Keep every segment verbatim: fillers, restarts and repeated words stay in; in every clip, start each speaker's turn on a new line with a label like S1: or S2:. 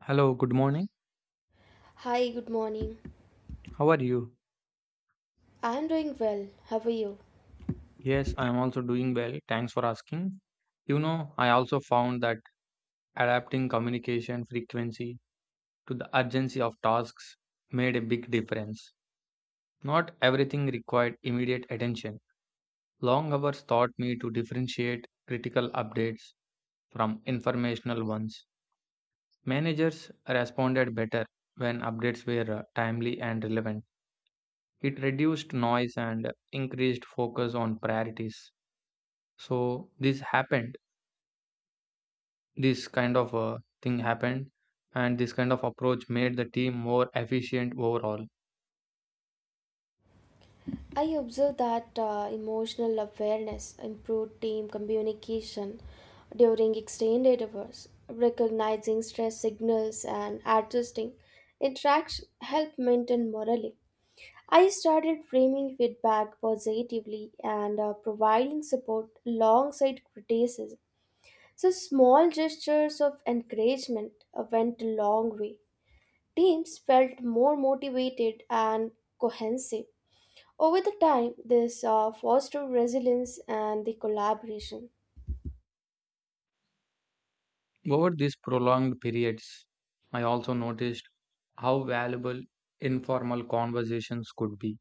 S1: Hello, good morning.
S2: Hi, good morning.
S1: How are you?
S2: I'm doing well. How are you?
S1: Yes, I am also doing well. Thanks for asking. You know, I also found that adapting communication frequency to the urgency of tasks made a big difference. Not everything required immediate attention. Long hours taught me to differentiate critical updates from informational ones. Managers responded better when updates were uh, timely and relevant. It reduced noise and increased focus on priorities. So this happened this kind of uh, thing happened and this kind of approach made the team more efficient overall.
S2: I observe that uh, emotional awareness improved team communication during extended hours. Recognizing stress signals and adjusting interaction help maintain morale. I started framing feedback positively and uh, providing support alongside criticism. So small gestures of encouragement uh, went a long way. Teams felt more motivated and cohesive. Over the time, this uh, fostered resilience and the collaboration.
S1: Over these prolonged periods, I also noticed how valuable informal conversations could be.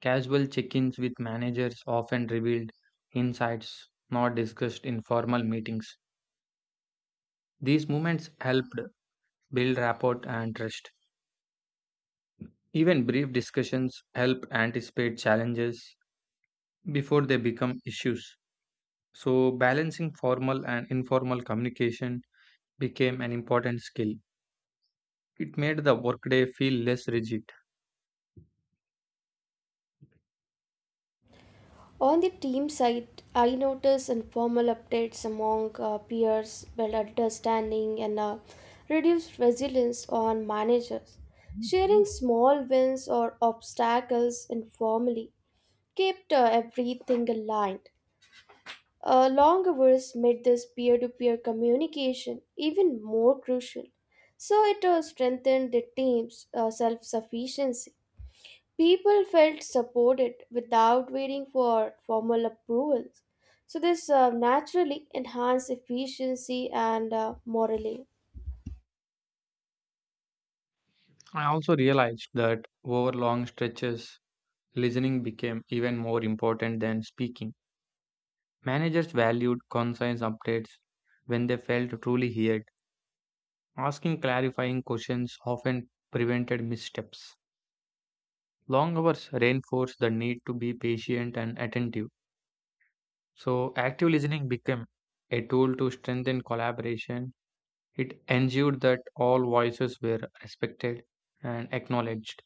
S1: Casual check-ins with managers often revealed insights not discussed in formal meetings. These moments helped build rapport and trust. Even brief discussions help anticipate challenges before they become issues. So, balancing formal and informal communication became an important skill. It made the workday feel less rigid.
S2: On the team side, I noticed informal updates among uh, peers, build understanding, and uh, reduced resilience on managers. Sharing small wins or obstacles informally kept uh, everything aligned. Uh, long hours made this peer to peer communication even more crucial. So it uh, strengthened the team's self sufficiency. People felt supported without waiting for formal approvals. So this uh, naturally enhanced efficiency and uh, morale.
S1: I also realized that over long stretches, listening became even more important than speaking. Managers valued concise updates when they felt truly heard. Asking clarifying questions often prevented missteps. Long hours reinforced the need to be patient and attentive. So, active listening became a tool to strengthen collaboration. It ensured that all voices were respected and acknowledged.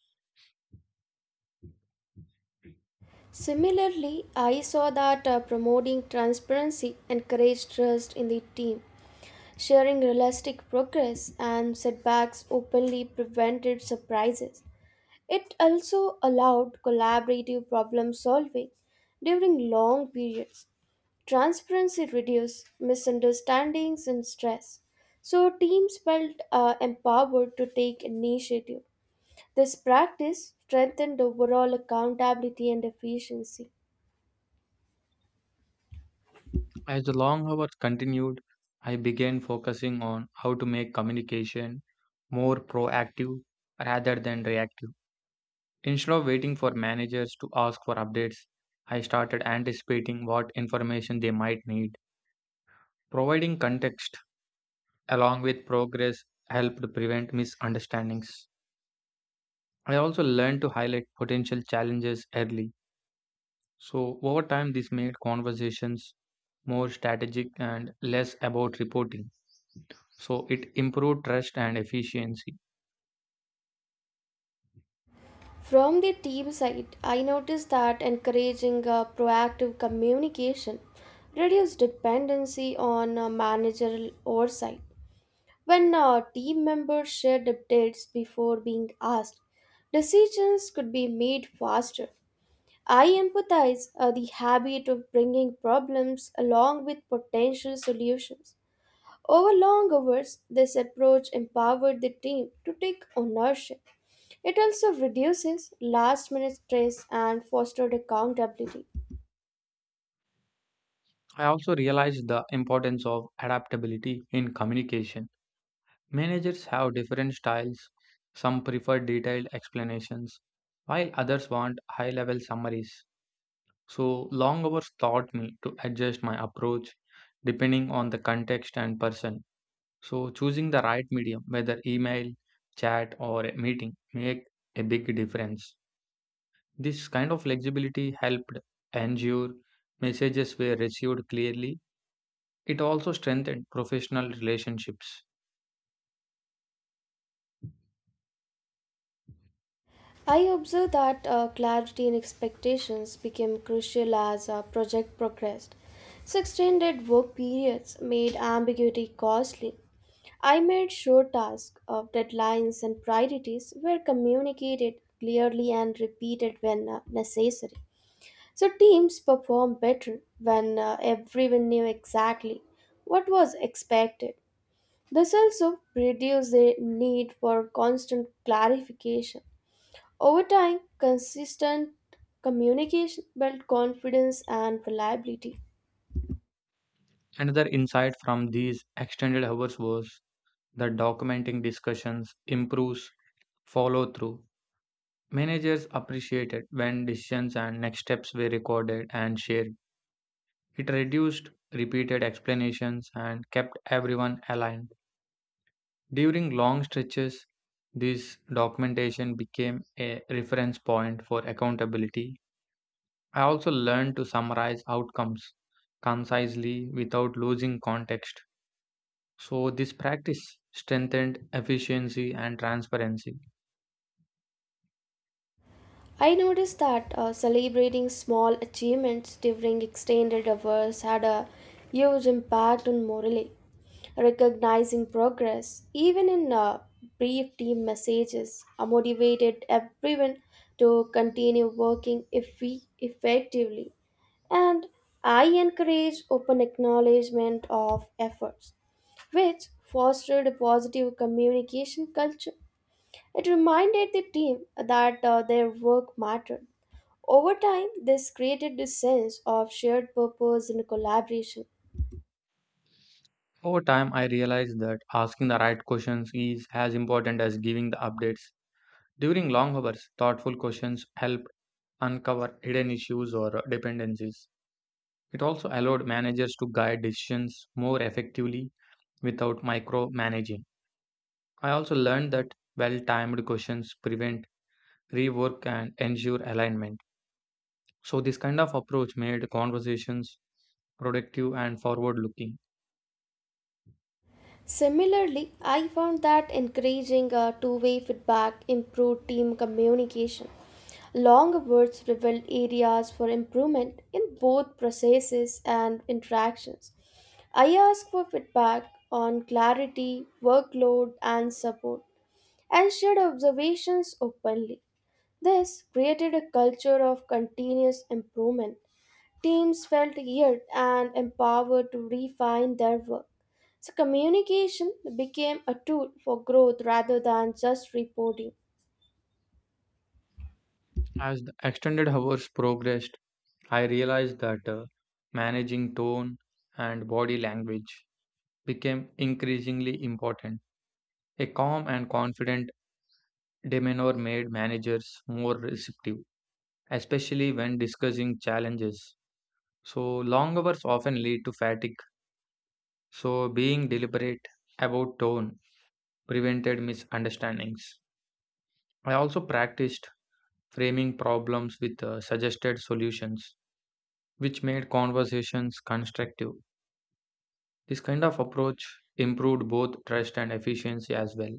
S2: Similarly, I saw that uh, promoting transparency encouraged trust in the team. Sharing realistic progress and setbacks openly prevented surprises. It also allowed collaborative problem solving during long periods. Transparency reduced misunderstandings and stress, so teams felt uh, empowered to take initiative. This practice strengthened overall accountability and efficiency.
S1: As the long hours continued, I began focusing on how to make communication more proactive rather than reactive. Instead of waiting for managers to ask for updates, I started anticipating what information they might need. Providing context along with progress helped prevent misunderstandings. I also learned to highlight potential challenges early. So, over time, this made conversations more strategic and less about reporting. So, it improved trust and efficiency.
S2: From the team side, I noticed that encouraging uh, proactive communication reduces dependency on uh, managerial oversight. When uh, team members shared updates before being asked, decisions could be made faster. I empathize uh, the habit of bringing problems along with potential solutions. Over long hours, this approach empowered the team to take ownership. It also reduces last minute stress and fostered accountability.
S1: I also realized the importance of adaptability in communication. Managers have different styles, some prefer detailed explanations, while others want high level summaries. So, long hours taught me to adjust my approach depending on the context and person. So choosing the right medium, whether email, chat, or a meeting, make a big difference. This kind of flexibility helped ensure messages were received clearly. It also strengthened professional relationships.
S2: I observed that uh, clarity and expectations became crucial as a project progressed. So extended work periods made ambiguity costly. I made sure tasks of deadlines and priorities were communicated clearly and repeated when uh, necessary. So teams perform better when uh, everyone knew exactly what was expected. This also reduces the need for constant clarification. Over time, consistent communication builds confidence and reliability.
S1: Another insight from these extended hours was that documenting discussions improves follow through. Managers appreciated when decisions and next steps were recorded and shared. It reduced repeated explanations and kept everyone aligned. During long stretches, this documentation became a reference point for accountability. I also learned to summarize outcomes concisely without losing context. So, this practice strengthened efficiency and transparency.
S2: I noticed that uh, celebrating small achievements during extended hours had a huge impact on morale. Recognizing progress, even in uh, brief team messages, uh, motivated everyone to continue working effi- effectively. And I encourage open acknowledgement of efforts, which fostered a positive communication culture. It reminded the team that uh, their work mattered. Over time, this created a sense of shared purpose and collaboration.
S1: Over time, I realized that asking the right questions is as important as giving the updates. During long hours, thoughtful questions help uncover hidden issues or dependencies. It also allowed managers to guide decisions more effectively without micromanaging. I also learned that well timed questions prevent rework and ensure alignment. So, this kind of approach made conversations productive and forward looking.
S2: Similarly, I found that encouraging uh, two way feedback improved team communication. Long words revealed areas for improvement in both processes and interactions. I asked for feedback on clarity, workload, and support, and shared observations openly. This created a culture of continuous improvement. Teams felt geared and empowered to refine their work. So, communication became a tool for growth rather than just reporting.
S1: As the extended hours progressed, I realized that uh, managing tone and body language became increasingly important. A calm and confident demeanor made managers more receptive, especially when discussing challenges. So, long hours often lead to fatigue. So, being deliberate about tone prevented misunderstandings. I also practiced framing problems with uh, suggested solutions, which made conversations constructive. This kind of approach improved both trust and efficiency as well.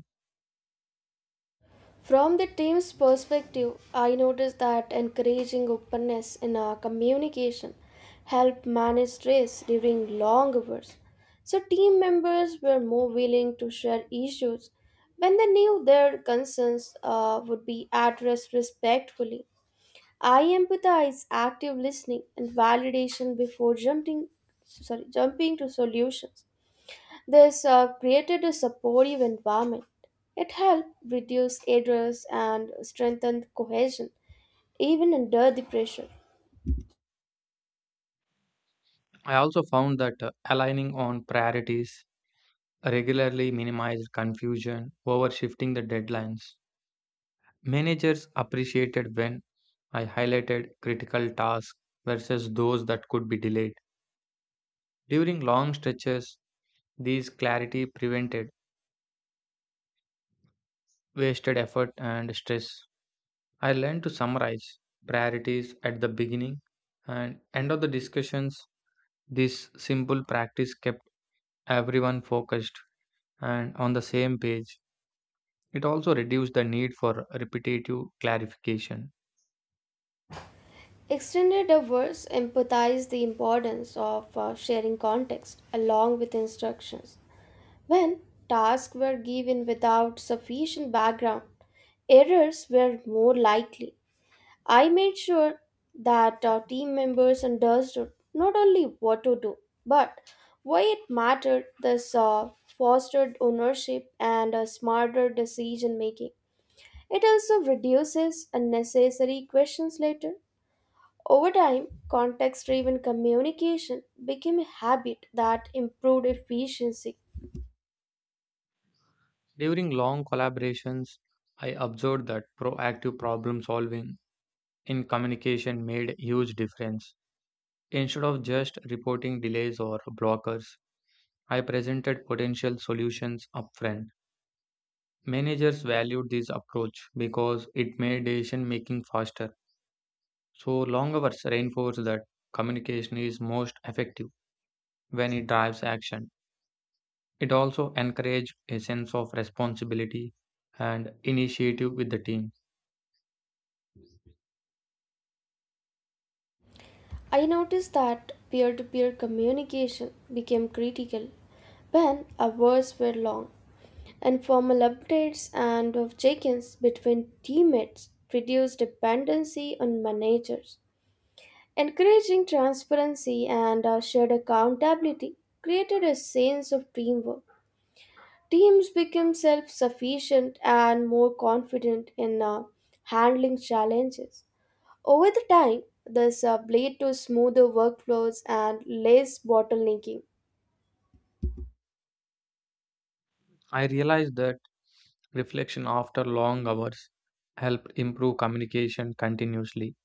S2: From the team's perspective, I noticed that encouraging openness in our communication helped manage stress during long hours. So, team members were more willing to share issues when they knew their concerns uh, would be addressed respectfully. I empathize active listening and validation before jumping sorry jumping to solutions. This uh, created a supportive environment. It helped reduce errors and strengthened cohesion, even under the pressure.
S1: I also found that uh, aligning on priorities regularly minimized confusion over shifting the deadlines. Managers appreciated when I highlighted critical tasks versus those that could be delayed. During long stretches, these clarity prevented wasted effort and stress. I learned to summarize priorities at the beginning and end of the discussions. This simple practice kept everyone focused and on the same page. It also reduced the need for repetitive clarification.
S2: Extended efforts emphasize the importance of uh, sharing context along with instructions. When tasks were given without sufficient background, errors were more likely. I made sure that our team members understood not only what to do, but why it mattered. This uh, fostered ownership and a smarter decision making. It also reduces unnecessary questions later. Over time, context driven communication became a habit that improved efficiency.
S1: During long collaborations, I observed that proactive problem solving in communication made huge difference. Instead of just reporting delays or blockers, I presented potential solutions upfront. Managers valued this approach because it made decision making faster. So long hours reinforce that communication is most effective when it drives action. It also encouraged a sense of responsibility and initiative with the team.
S2: I noticed that peer to peer communication became critical when hours were long and formal updates and of check-ins between teammates reduce dependency on managers. Encouraging transparency and uh, shared accountability created a sense of teamwork. Teams became self-sufficient and more confident in uh, handling challenges. Over the time, this uh, led to smoother workflows and less bottlenecking.
S1: I realized that reflection after long hours help improve communication continuously.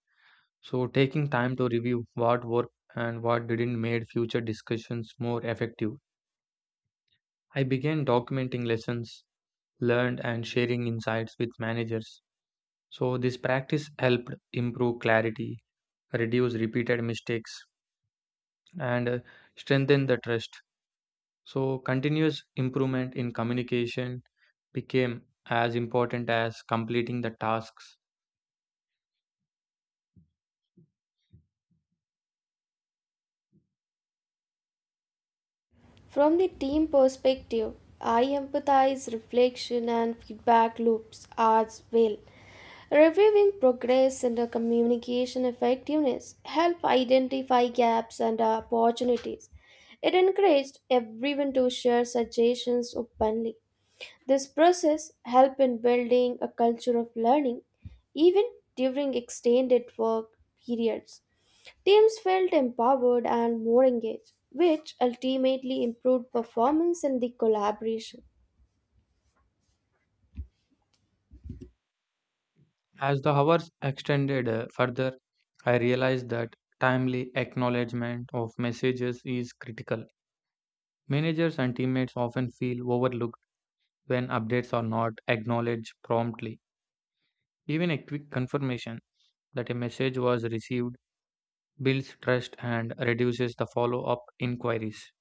S1: So taking time to review what worked and what didn't made future discussions more effective. I began documenting lessons learned and sharing insights with managers. So this practice helped improve clarity, reduce repeated mistakes and uh, strengthen the trust. So continuous improvement in communication became as important as completing the tasks.
S2: From the team perspective, I empathize reflection and feedback loops as well. Reviewing progress and the communication effectiveness help identify gaps and uh, opportunities. It encouraged everyone to share suggestions openly. This process helped in building a culture of learning even during extended work periods. Teams felt empowered and more engaged, which ultimately improved performance and the collaboration.
S1: As the hours extended uh, further, I realized that timely acknowledgement of messages is critical. Managers and teammates often feel overlooked when updates are not acknowledged promptly. Even a quick confirmation that a message was received builds trust and reduces the follow up inquiries.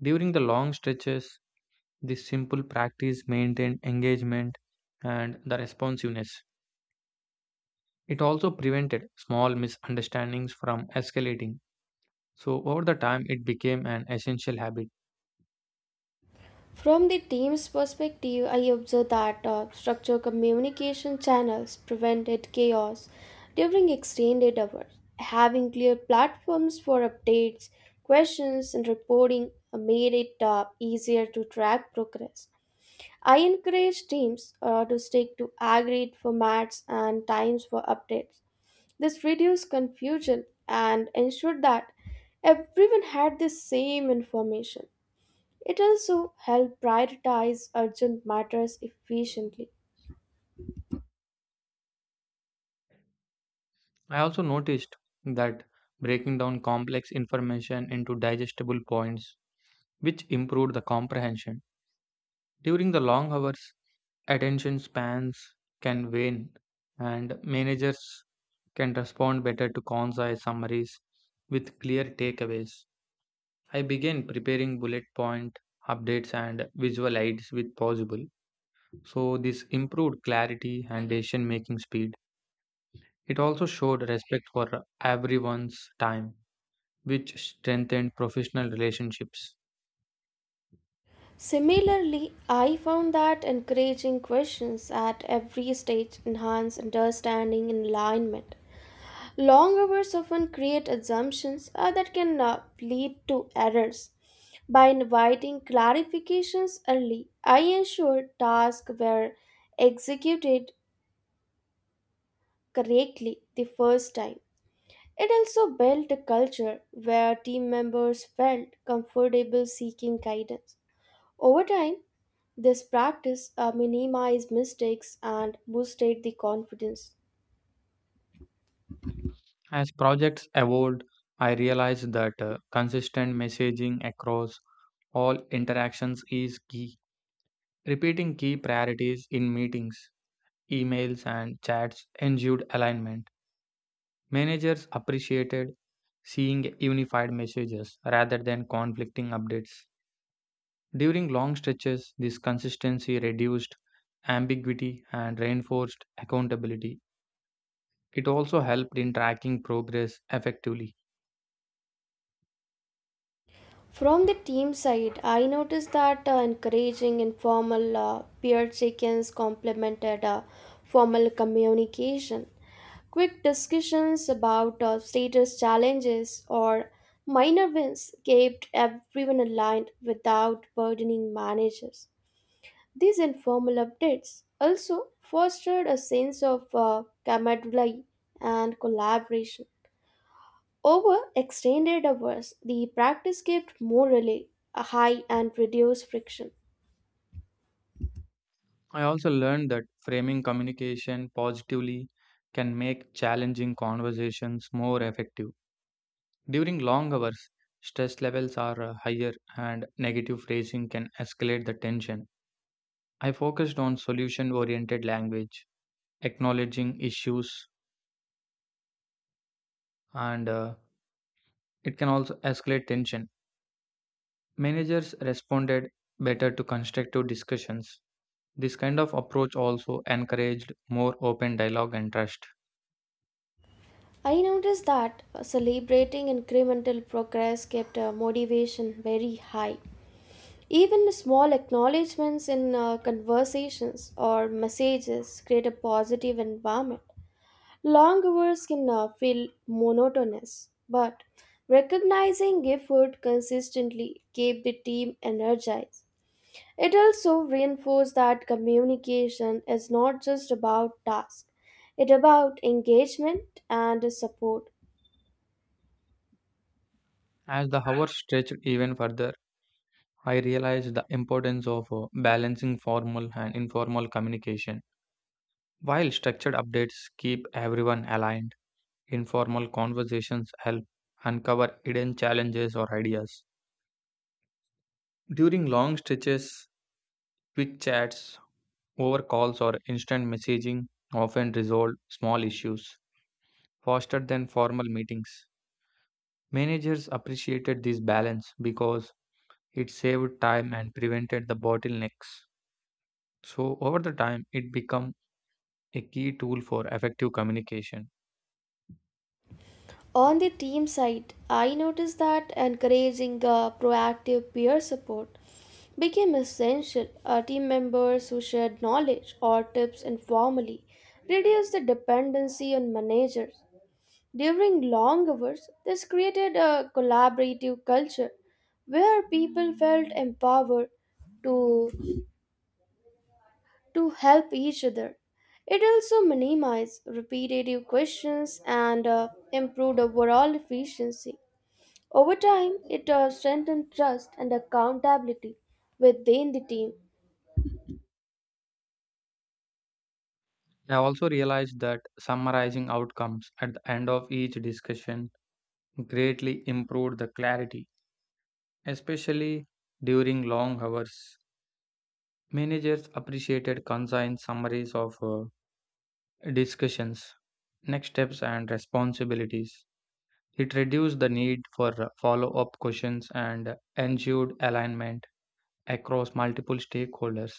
S1: During the long stretches, this simple practice maintained engagement and the responsiveness. It also prevented small misunderstandings from escalating. So, over the time, it became an essential habit.
S2: From the team's perspective, I observed that uh, structured communication channels prevented chaos during extended hours. Having clear platforms for updates, questions, and reporting uh, made it uh, easier to track progress. I encourage teams uh, to stick to agreed formats and times for updates. This reduced confusion and ensured that everyone had the same information. It also helped prioritize urgent matters efficiently.
S1: I also noticed that breaking down complex information into digestible points, which improved the comprehension. During the long hours, attention spans can wane, and managers can respond better to concise summaries with clear takeaways. I began preparing bullet point updates and visual aids with possible. So, this improved clarity and decision making speed. It also showed respect for everyone's time, which strengthened professional relationships.
S2: Similarly, I found that encouraging questions at every stage enhance understanding and alignment. Long hours often create assumptions uh, that can uh, lead to errors. By inviting clarifications early, I ensured tasks were executed correctly the first time. It also built a culture where team members felt comfortable seeking guidance. Over time, this practice uh, minimized mistakes and boosted the confidence.
S1: As projects evolved, I realized that uh, consistent messaging across all interactions is key. Repeating key priorities in meetings, emails, and chats ensured alignment. Managers appreciated seeing unified messages rather than conflicting updates. During long stretches, this consistency reduced ambiguity and reinforced accountability. It also helped in tracking progress effectively.
S2: From the team side, I noticed that uh, encouraging informal uh, peer check-ins complemented uh, formal communication. Quick discussions about uh, status challenges or minor wins kept everyone aligned without burdening managers. These informal updates also fostered a sense of uh, camaraderie and collaboration. Over extended hours, the practice kept morale high and reduced friction.
S1: I also learned that framing communication positively can make challenging conversations more effective. During long hours, stress levels are uh, higher and negative phrasing can escalate the tension. I focused on solution oriented language, acknowledging issues, and uh, it can also escalate tension. Managers responded better to constructive discussions. This kind of approach also encouraged more open dialogue and trust.
S2: I noticed that uh, celebrating incremental progress kept uh, motivation very high. Even small acknowledgments in uh, conversations or messages create a positive environment. Long hours can uh, feel monotonous, but recognizing effort consistently keep the team energized. It also reinforced that communication is not just about tasks, it's about engagement and support.
S1: As the hours stretched even further, I realized the importance of uh, balancing formal and informal communication. While structured updates keep everyone aligned, informal conversations help uncover hidden challenges or ideas. During long stretches, quick chats over calls or instant messaging often resolve small issues faster than formal meetings. Managers appreciated this balance because it saved time and prevented the bottlenecks. So, over the time, it became a key tool for effective communication.
S2: On the team side, I noticed that encouraging uh, proactive peer support became essential. Uh, team members who shared knowledge or tips informally reduced the dependency on managers. During long hours, this created a collaborative culture where people felt empowered to, to help each other. It also minimized repetitive questions and uh, improved overall efficiency. Over time, it uh, strengthened trust and accountability within the team.
S1: I also realized that summarizing outcomes at the end of each discussion greatly improved the clarity, especially during long hours. Managers appreciated concise summaries of uh, discussions, next steps, and responsibilities. It reduced the need for follow up questions and ensured alignment across multiple stakeholders.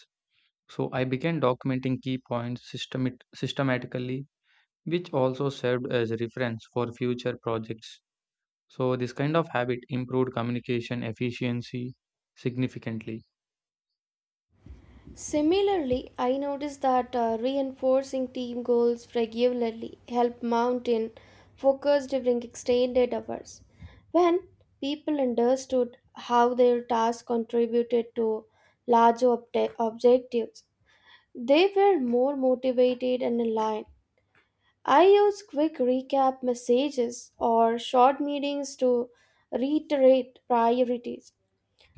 S1: So I began documenting key points systemat- systematically, which also served as a reference for future projects. So this kind of habit improved communication efficiency significantly.
S2: Similarly, I noticed that uh, reinforcing team goals regularly helped mountain focus during extended hours. When people understood how their tasks contributed to larger obje- objectives, they were more motivated and aligned. I use quick recap messages or short meetings to reiterate priorities.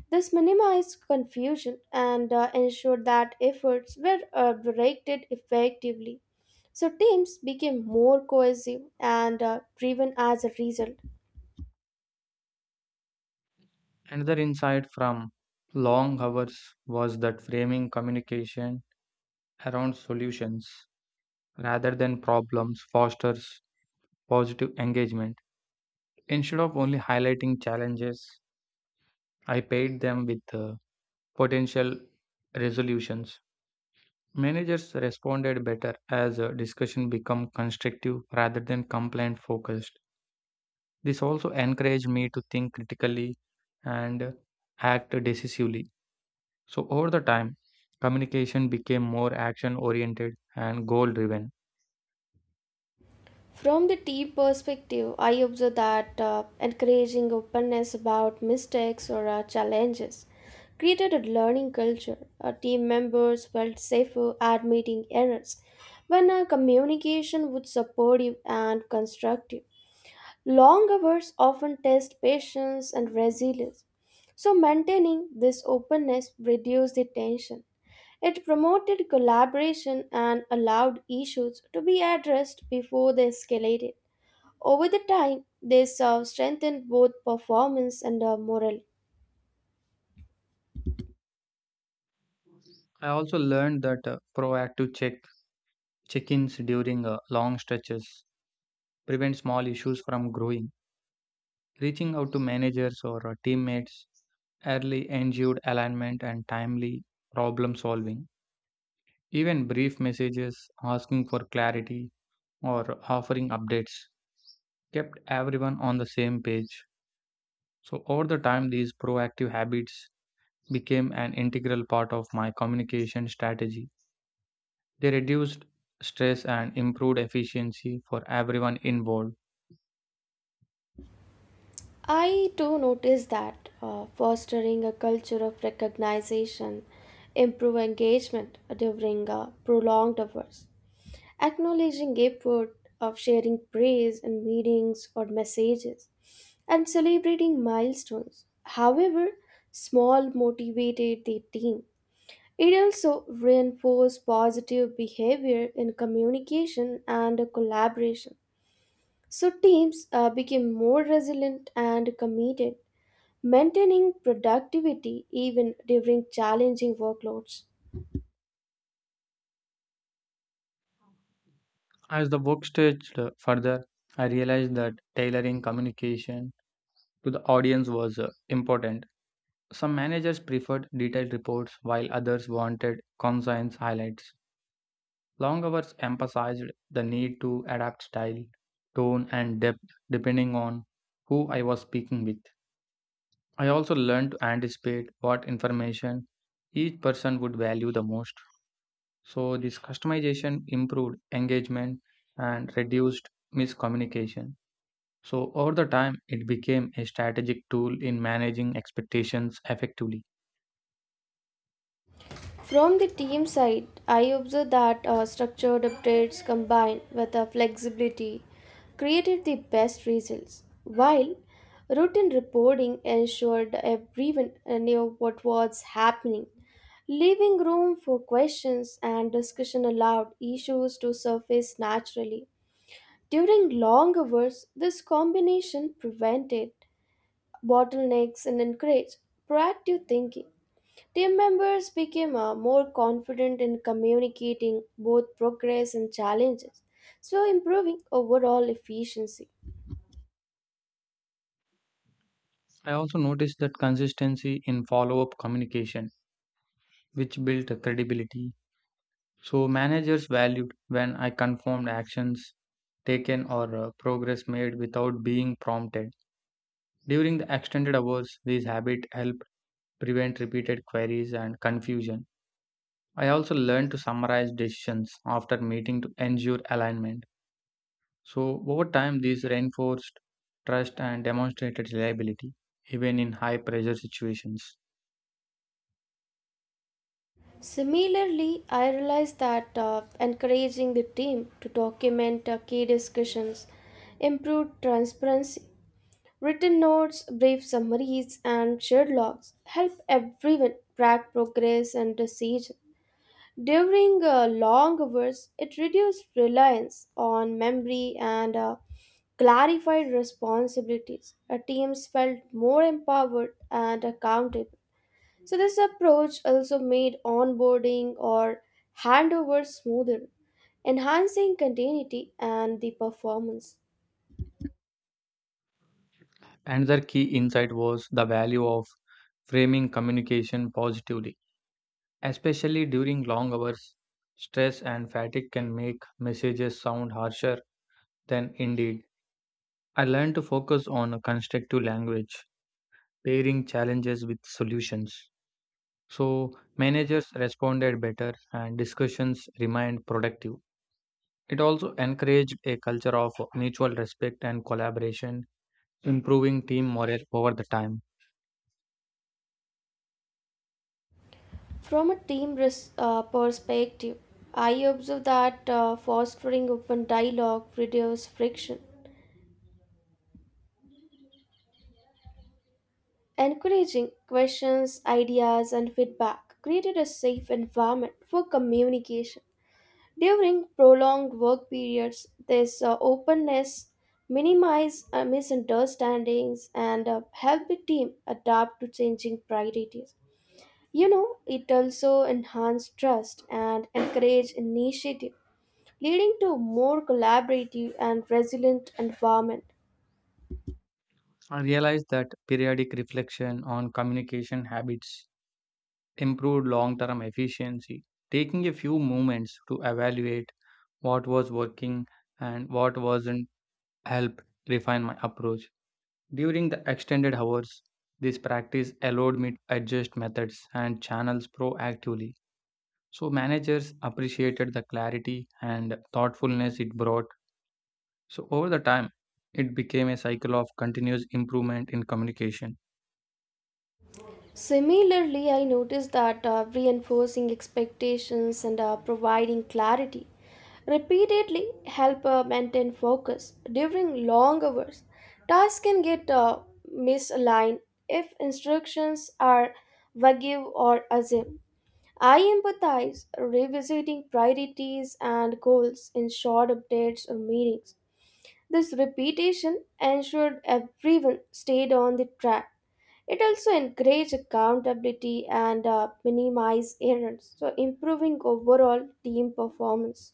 S2: This minimized confusion and uh, ensured that efforts were uh, directed effectively. So teams became more cohesive and uh, driven as a result.
S1: Another insight from long hours was that framing communication around solutions rather than problems fosters positive engagement. Instead of only highlighting challenges, I paired them with uh, potential resolutions. Managers responded better as uh, discussion became constructive rather than complaint focused. This also encouraged me to think critically and uh, act decisively. So, over the time, communication became more action oriented and goal driven.
S2: From the tea perspective, I observe that uh, encouraging openness about mistakes or uh, challenges created a learning culture. Uh, team members felt safer admitting errors when uh, communication was supportive and constructive. Long hours often test patience and resilience, so maintaining this openness reduced the tension. It promoted collaboration and allowed issues to be addressed before they escalated. Over the time, this uh, strengthened both performance and uh, morale.
S1: I also learned that uh, proactive check check ins during uh, long stretches prevent small issues from growing. Reaching out to managers or uh, teammates early ensured alignment and timely problem solving. Even brief messages asking for clarity or offering updates kept everyone on the same page. So, over the time, these proactive habits became an integral part of my communication strategy. They reduced stress and improved efficiency for everyone involved.
S2: I do notice that uh, fostering a culture of recognition, improve engagement during uh, prolonged hours, acknowledging effort of sharing praise in meetings or messages, and celebrating milestones. However, small motivated the team. It also reinforces positive behavior in communication and collaboration. So teams uh, became more resilient and committed maintaining productivity even during challenging workloads.
S1: As the work stretched further, I realized that tailoring communication to the audience was uh, important. Some managers preferred detailed reports while others wanted concise highlights. Long hours emphasized the need to adapt style, tone, and depth depending on who I was speaking with. I also learned to anticipate what information each person would value the most. So, this customization improved engagement and reduced miscommunication. So, over the time, it became a strategic tool in managing expectations effectively.
S2: From the team side, I observe that uh, structured updates combined with the flexibility created the best results, while routine reporting ensured everyone knew what was happening, leaving room for questions and discussion allowed issues to surface naturally. During long hours, this combination prevented bottlenecks and encourage proactive thinking. Team members became uh, more confident in communicating both progress and challenges, so improving overall efficiency.
S1: I also noticed that consistency in follow up communication, which built a credibility. So, managers valued when I confirmed actions taken or uh, progress made without being prompted. During the extended hours, this habit helped prevent repeated queries and confusion. I also learned to summarize decisions after meeting to ensure alignment. So, over time, these reinforced trust and demonstrated reliability, even in high pressure situations.
S2: Similarly, I realized that uh, encouraging the team to document uh, key discussions improved transparency. Written notes, brief summaries, and shared logs help everyone track progress and decisions. During uh, long hours, it reduced reliance on memory and uh, clarified responsibilities. Our teams felt more empowered and accountable. So, this approach also made onboarding or handover smoother, enhancing continuity and the performance.
S1: Another key insight was the value of framing communication positively, especially during long hours. Stress and fatigue can make messages sound harsher than indeed. I learned to focus on a constructive language, pairing challenges with solutions. So, managers responded better and discussions remained productive. It also encouraged a culture of mutual respect and collaboration, improving team morale over the time.
S2: From a team res- uh, perspective, I observe that uh, fostering open dialogue reduces friction. Encouraging questions, ideas, and feedback created a safe environment for communication. During prolonged work periods, this uh, openness minimizes misunderstandings and uh, help the team adapt to changing priorities. You know, it also enhances trust and encourage initiative, leading to a more collaborative and resilient environment.
S1: I realized that periodic reflection on communication habits improved long term efficiency. Taking a few moments to evaluate what was working and what wasn't helped refine my approach. During the extended hours, this practice allowed me to adjust methods and channels proactively. So, managers appreciated the clarity and thoughtfulness it brought. So, over the time, it became a cycle of continuous improvement in communication.
S2: Similarly, I noticed that uh, reinforcing expectations and uh, providing clarity repeatedly help uh, maintain focus during long hours. Tasks can get uh, misaligned if instructions are vague or assumed. I empathize revisiting priorities and goals in short updates or meetings. This repetition ensured everyone stayed on the track. It also encouraged accountability and uh, minimized errors, so improving overall team performance.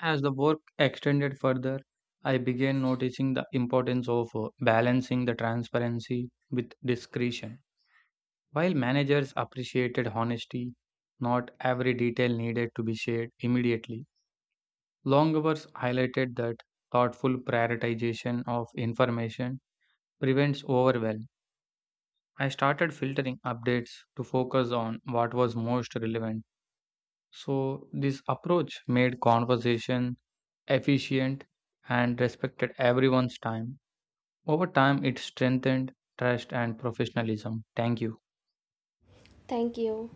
S1: As the work extended further, I began noticing the importance of uh, balancing the transparency with discretion. While managers appreciated honesty, not every detail needed to be shared immediately. Long hours highlighted that thoughtful prioritization of information prevents overwhelm. I started filtering updates to focus on what was most relevant. So, this approach made conversation efficient, and respected everyone's time. Over time, it strengthened trust and professionalism. Thank you.
S2: Thank you.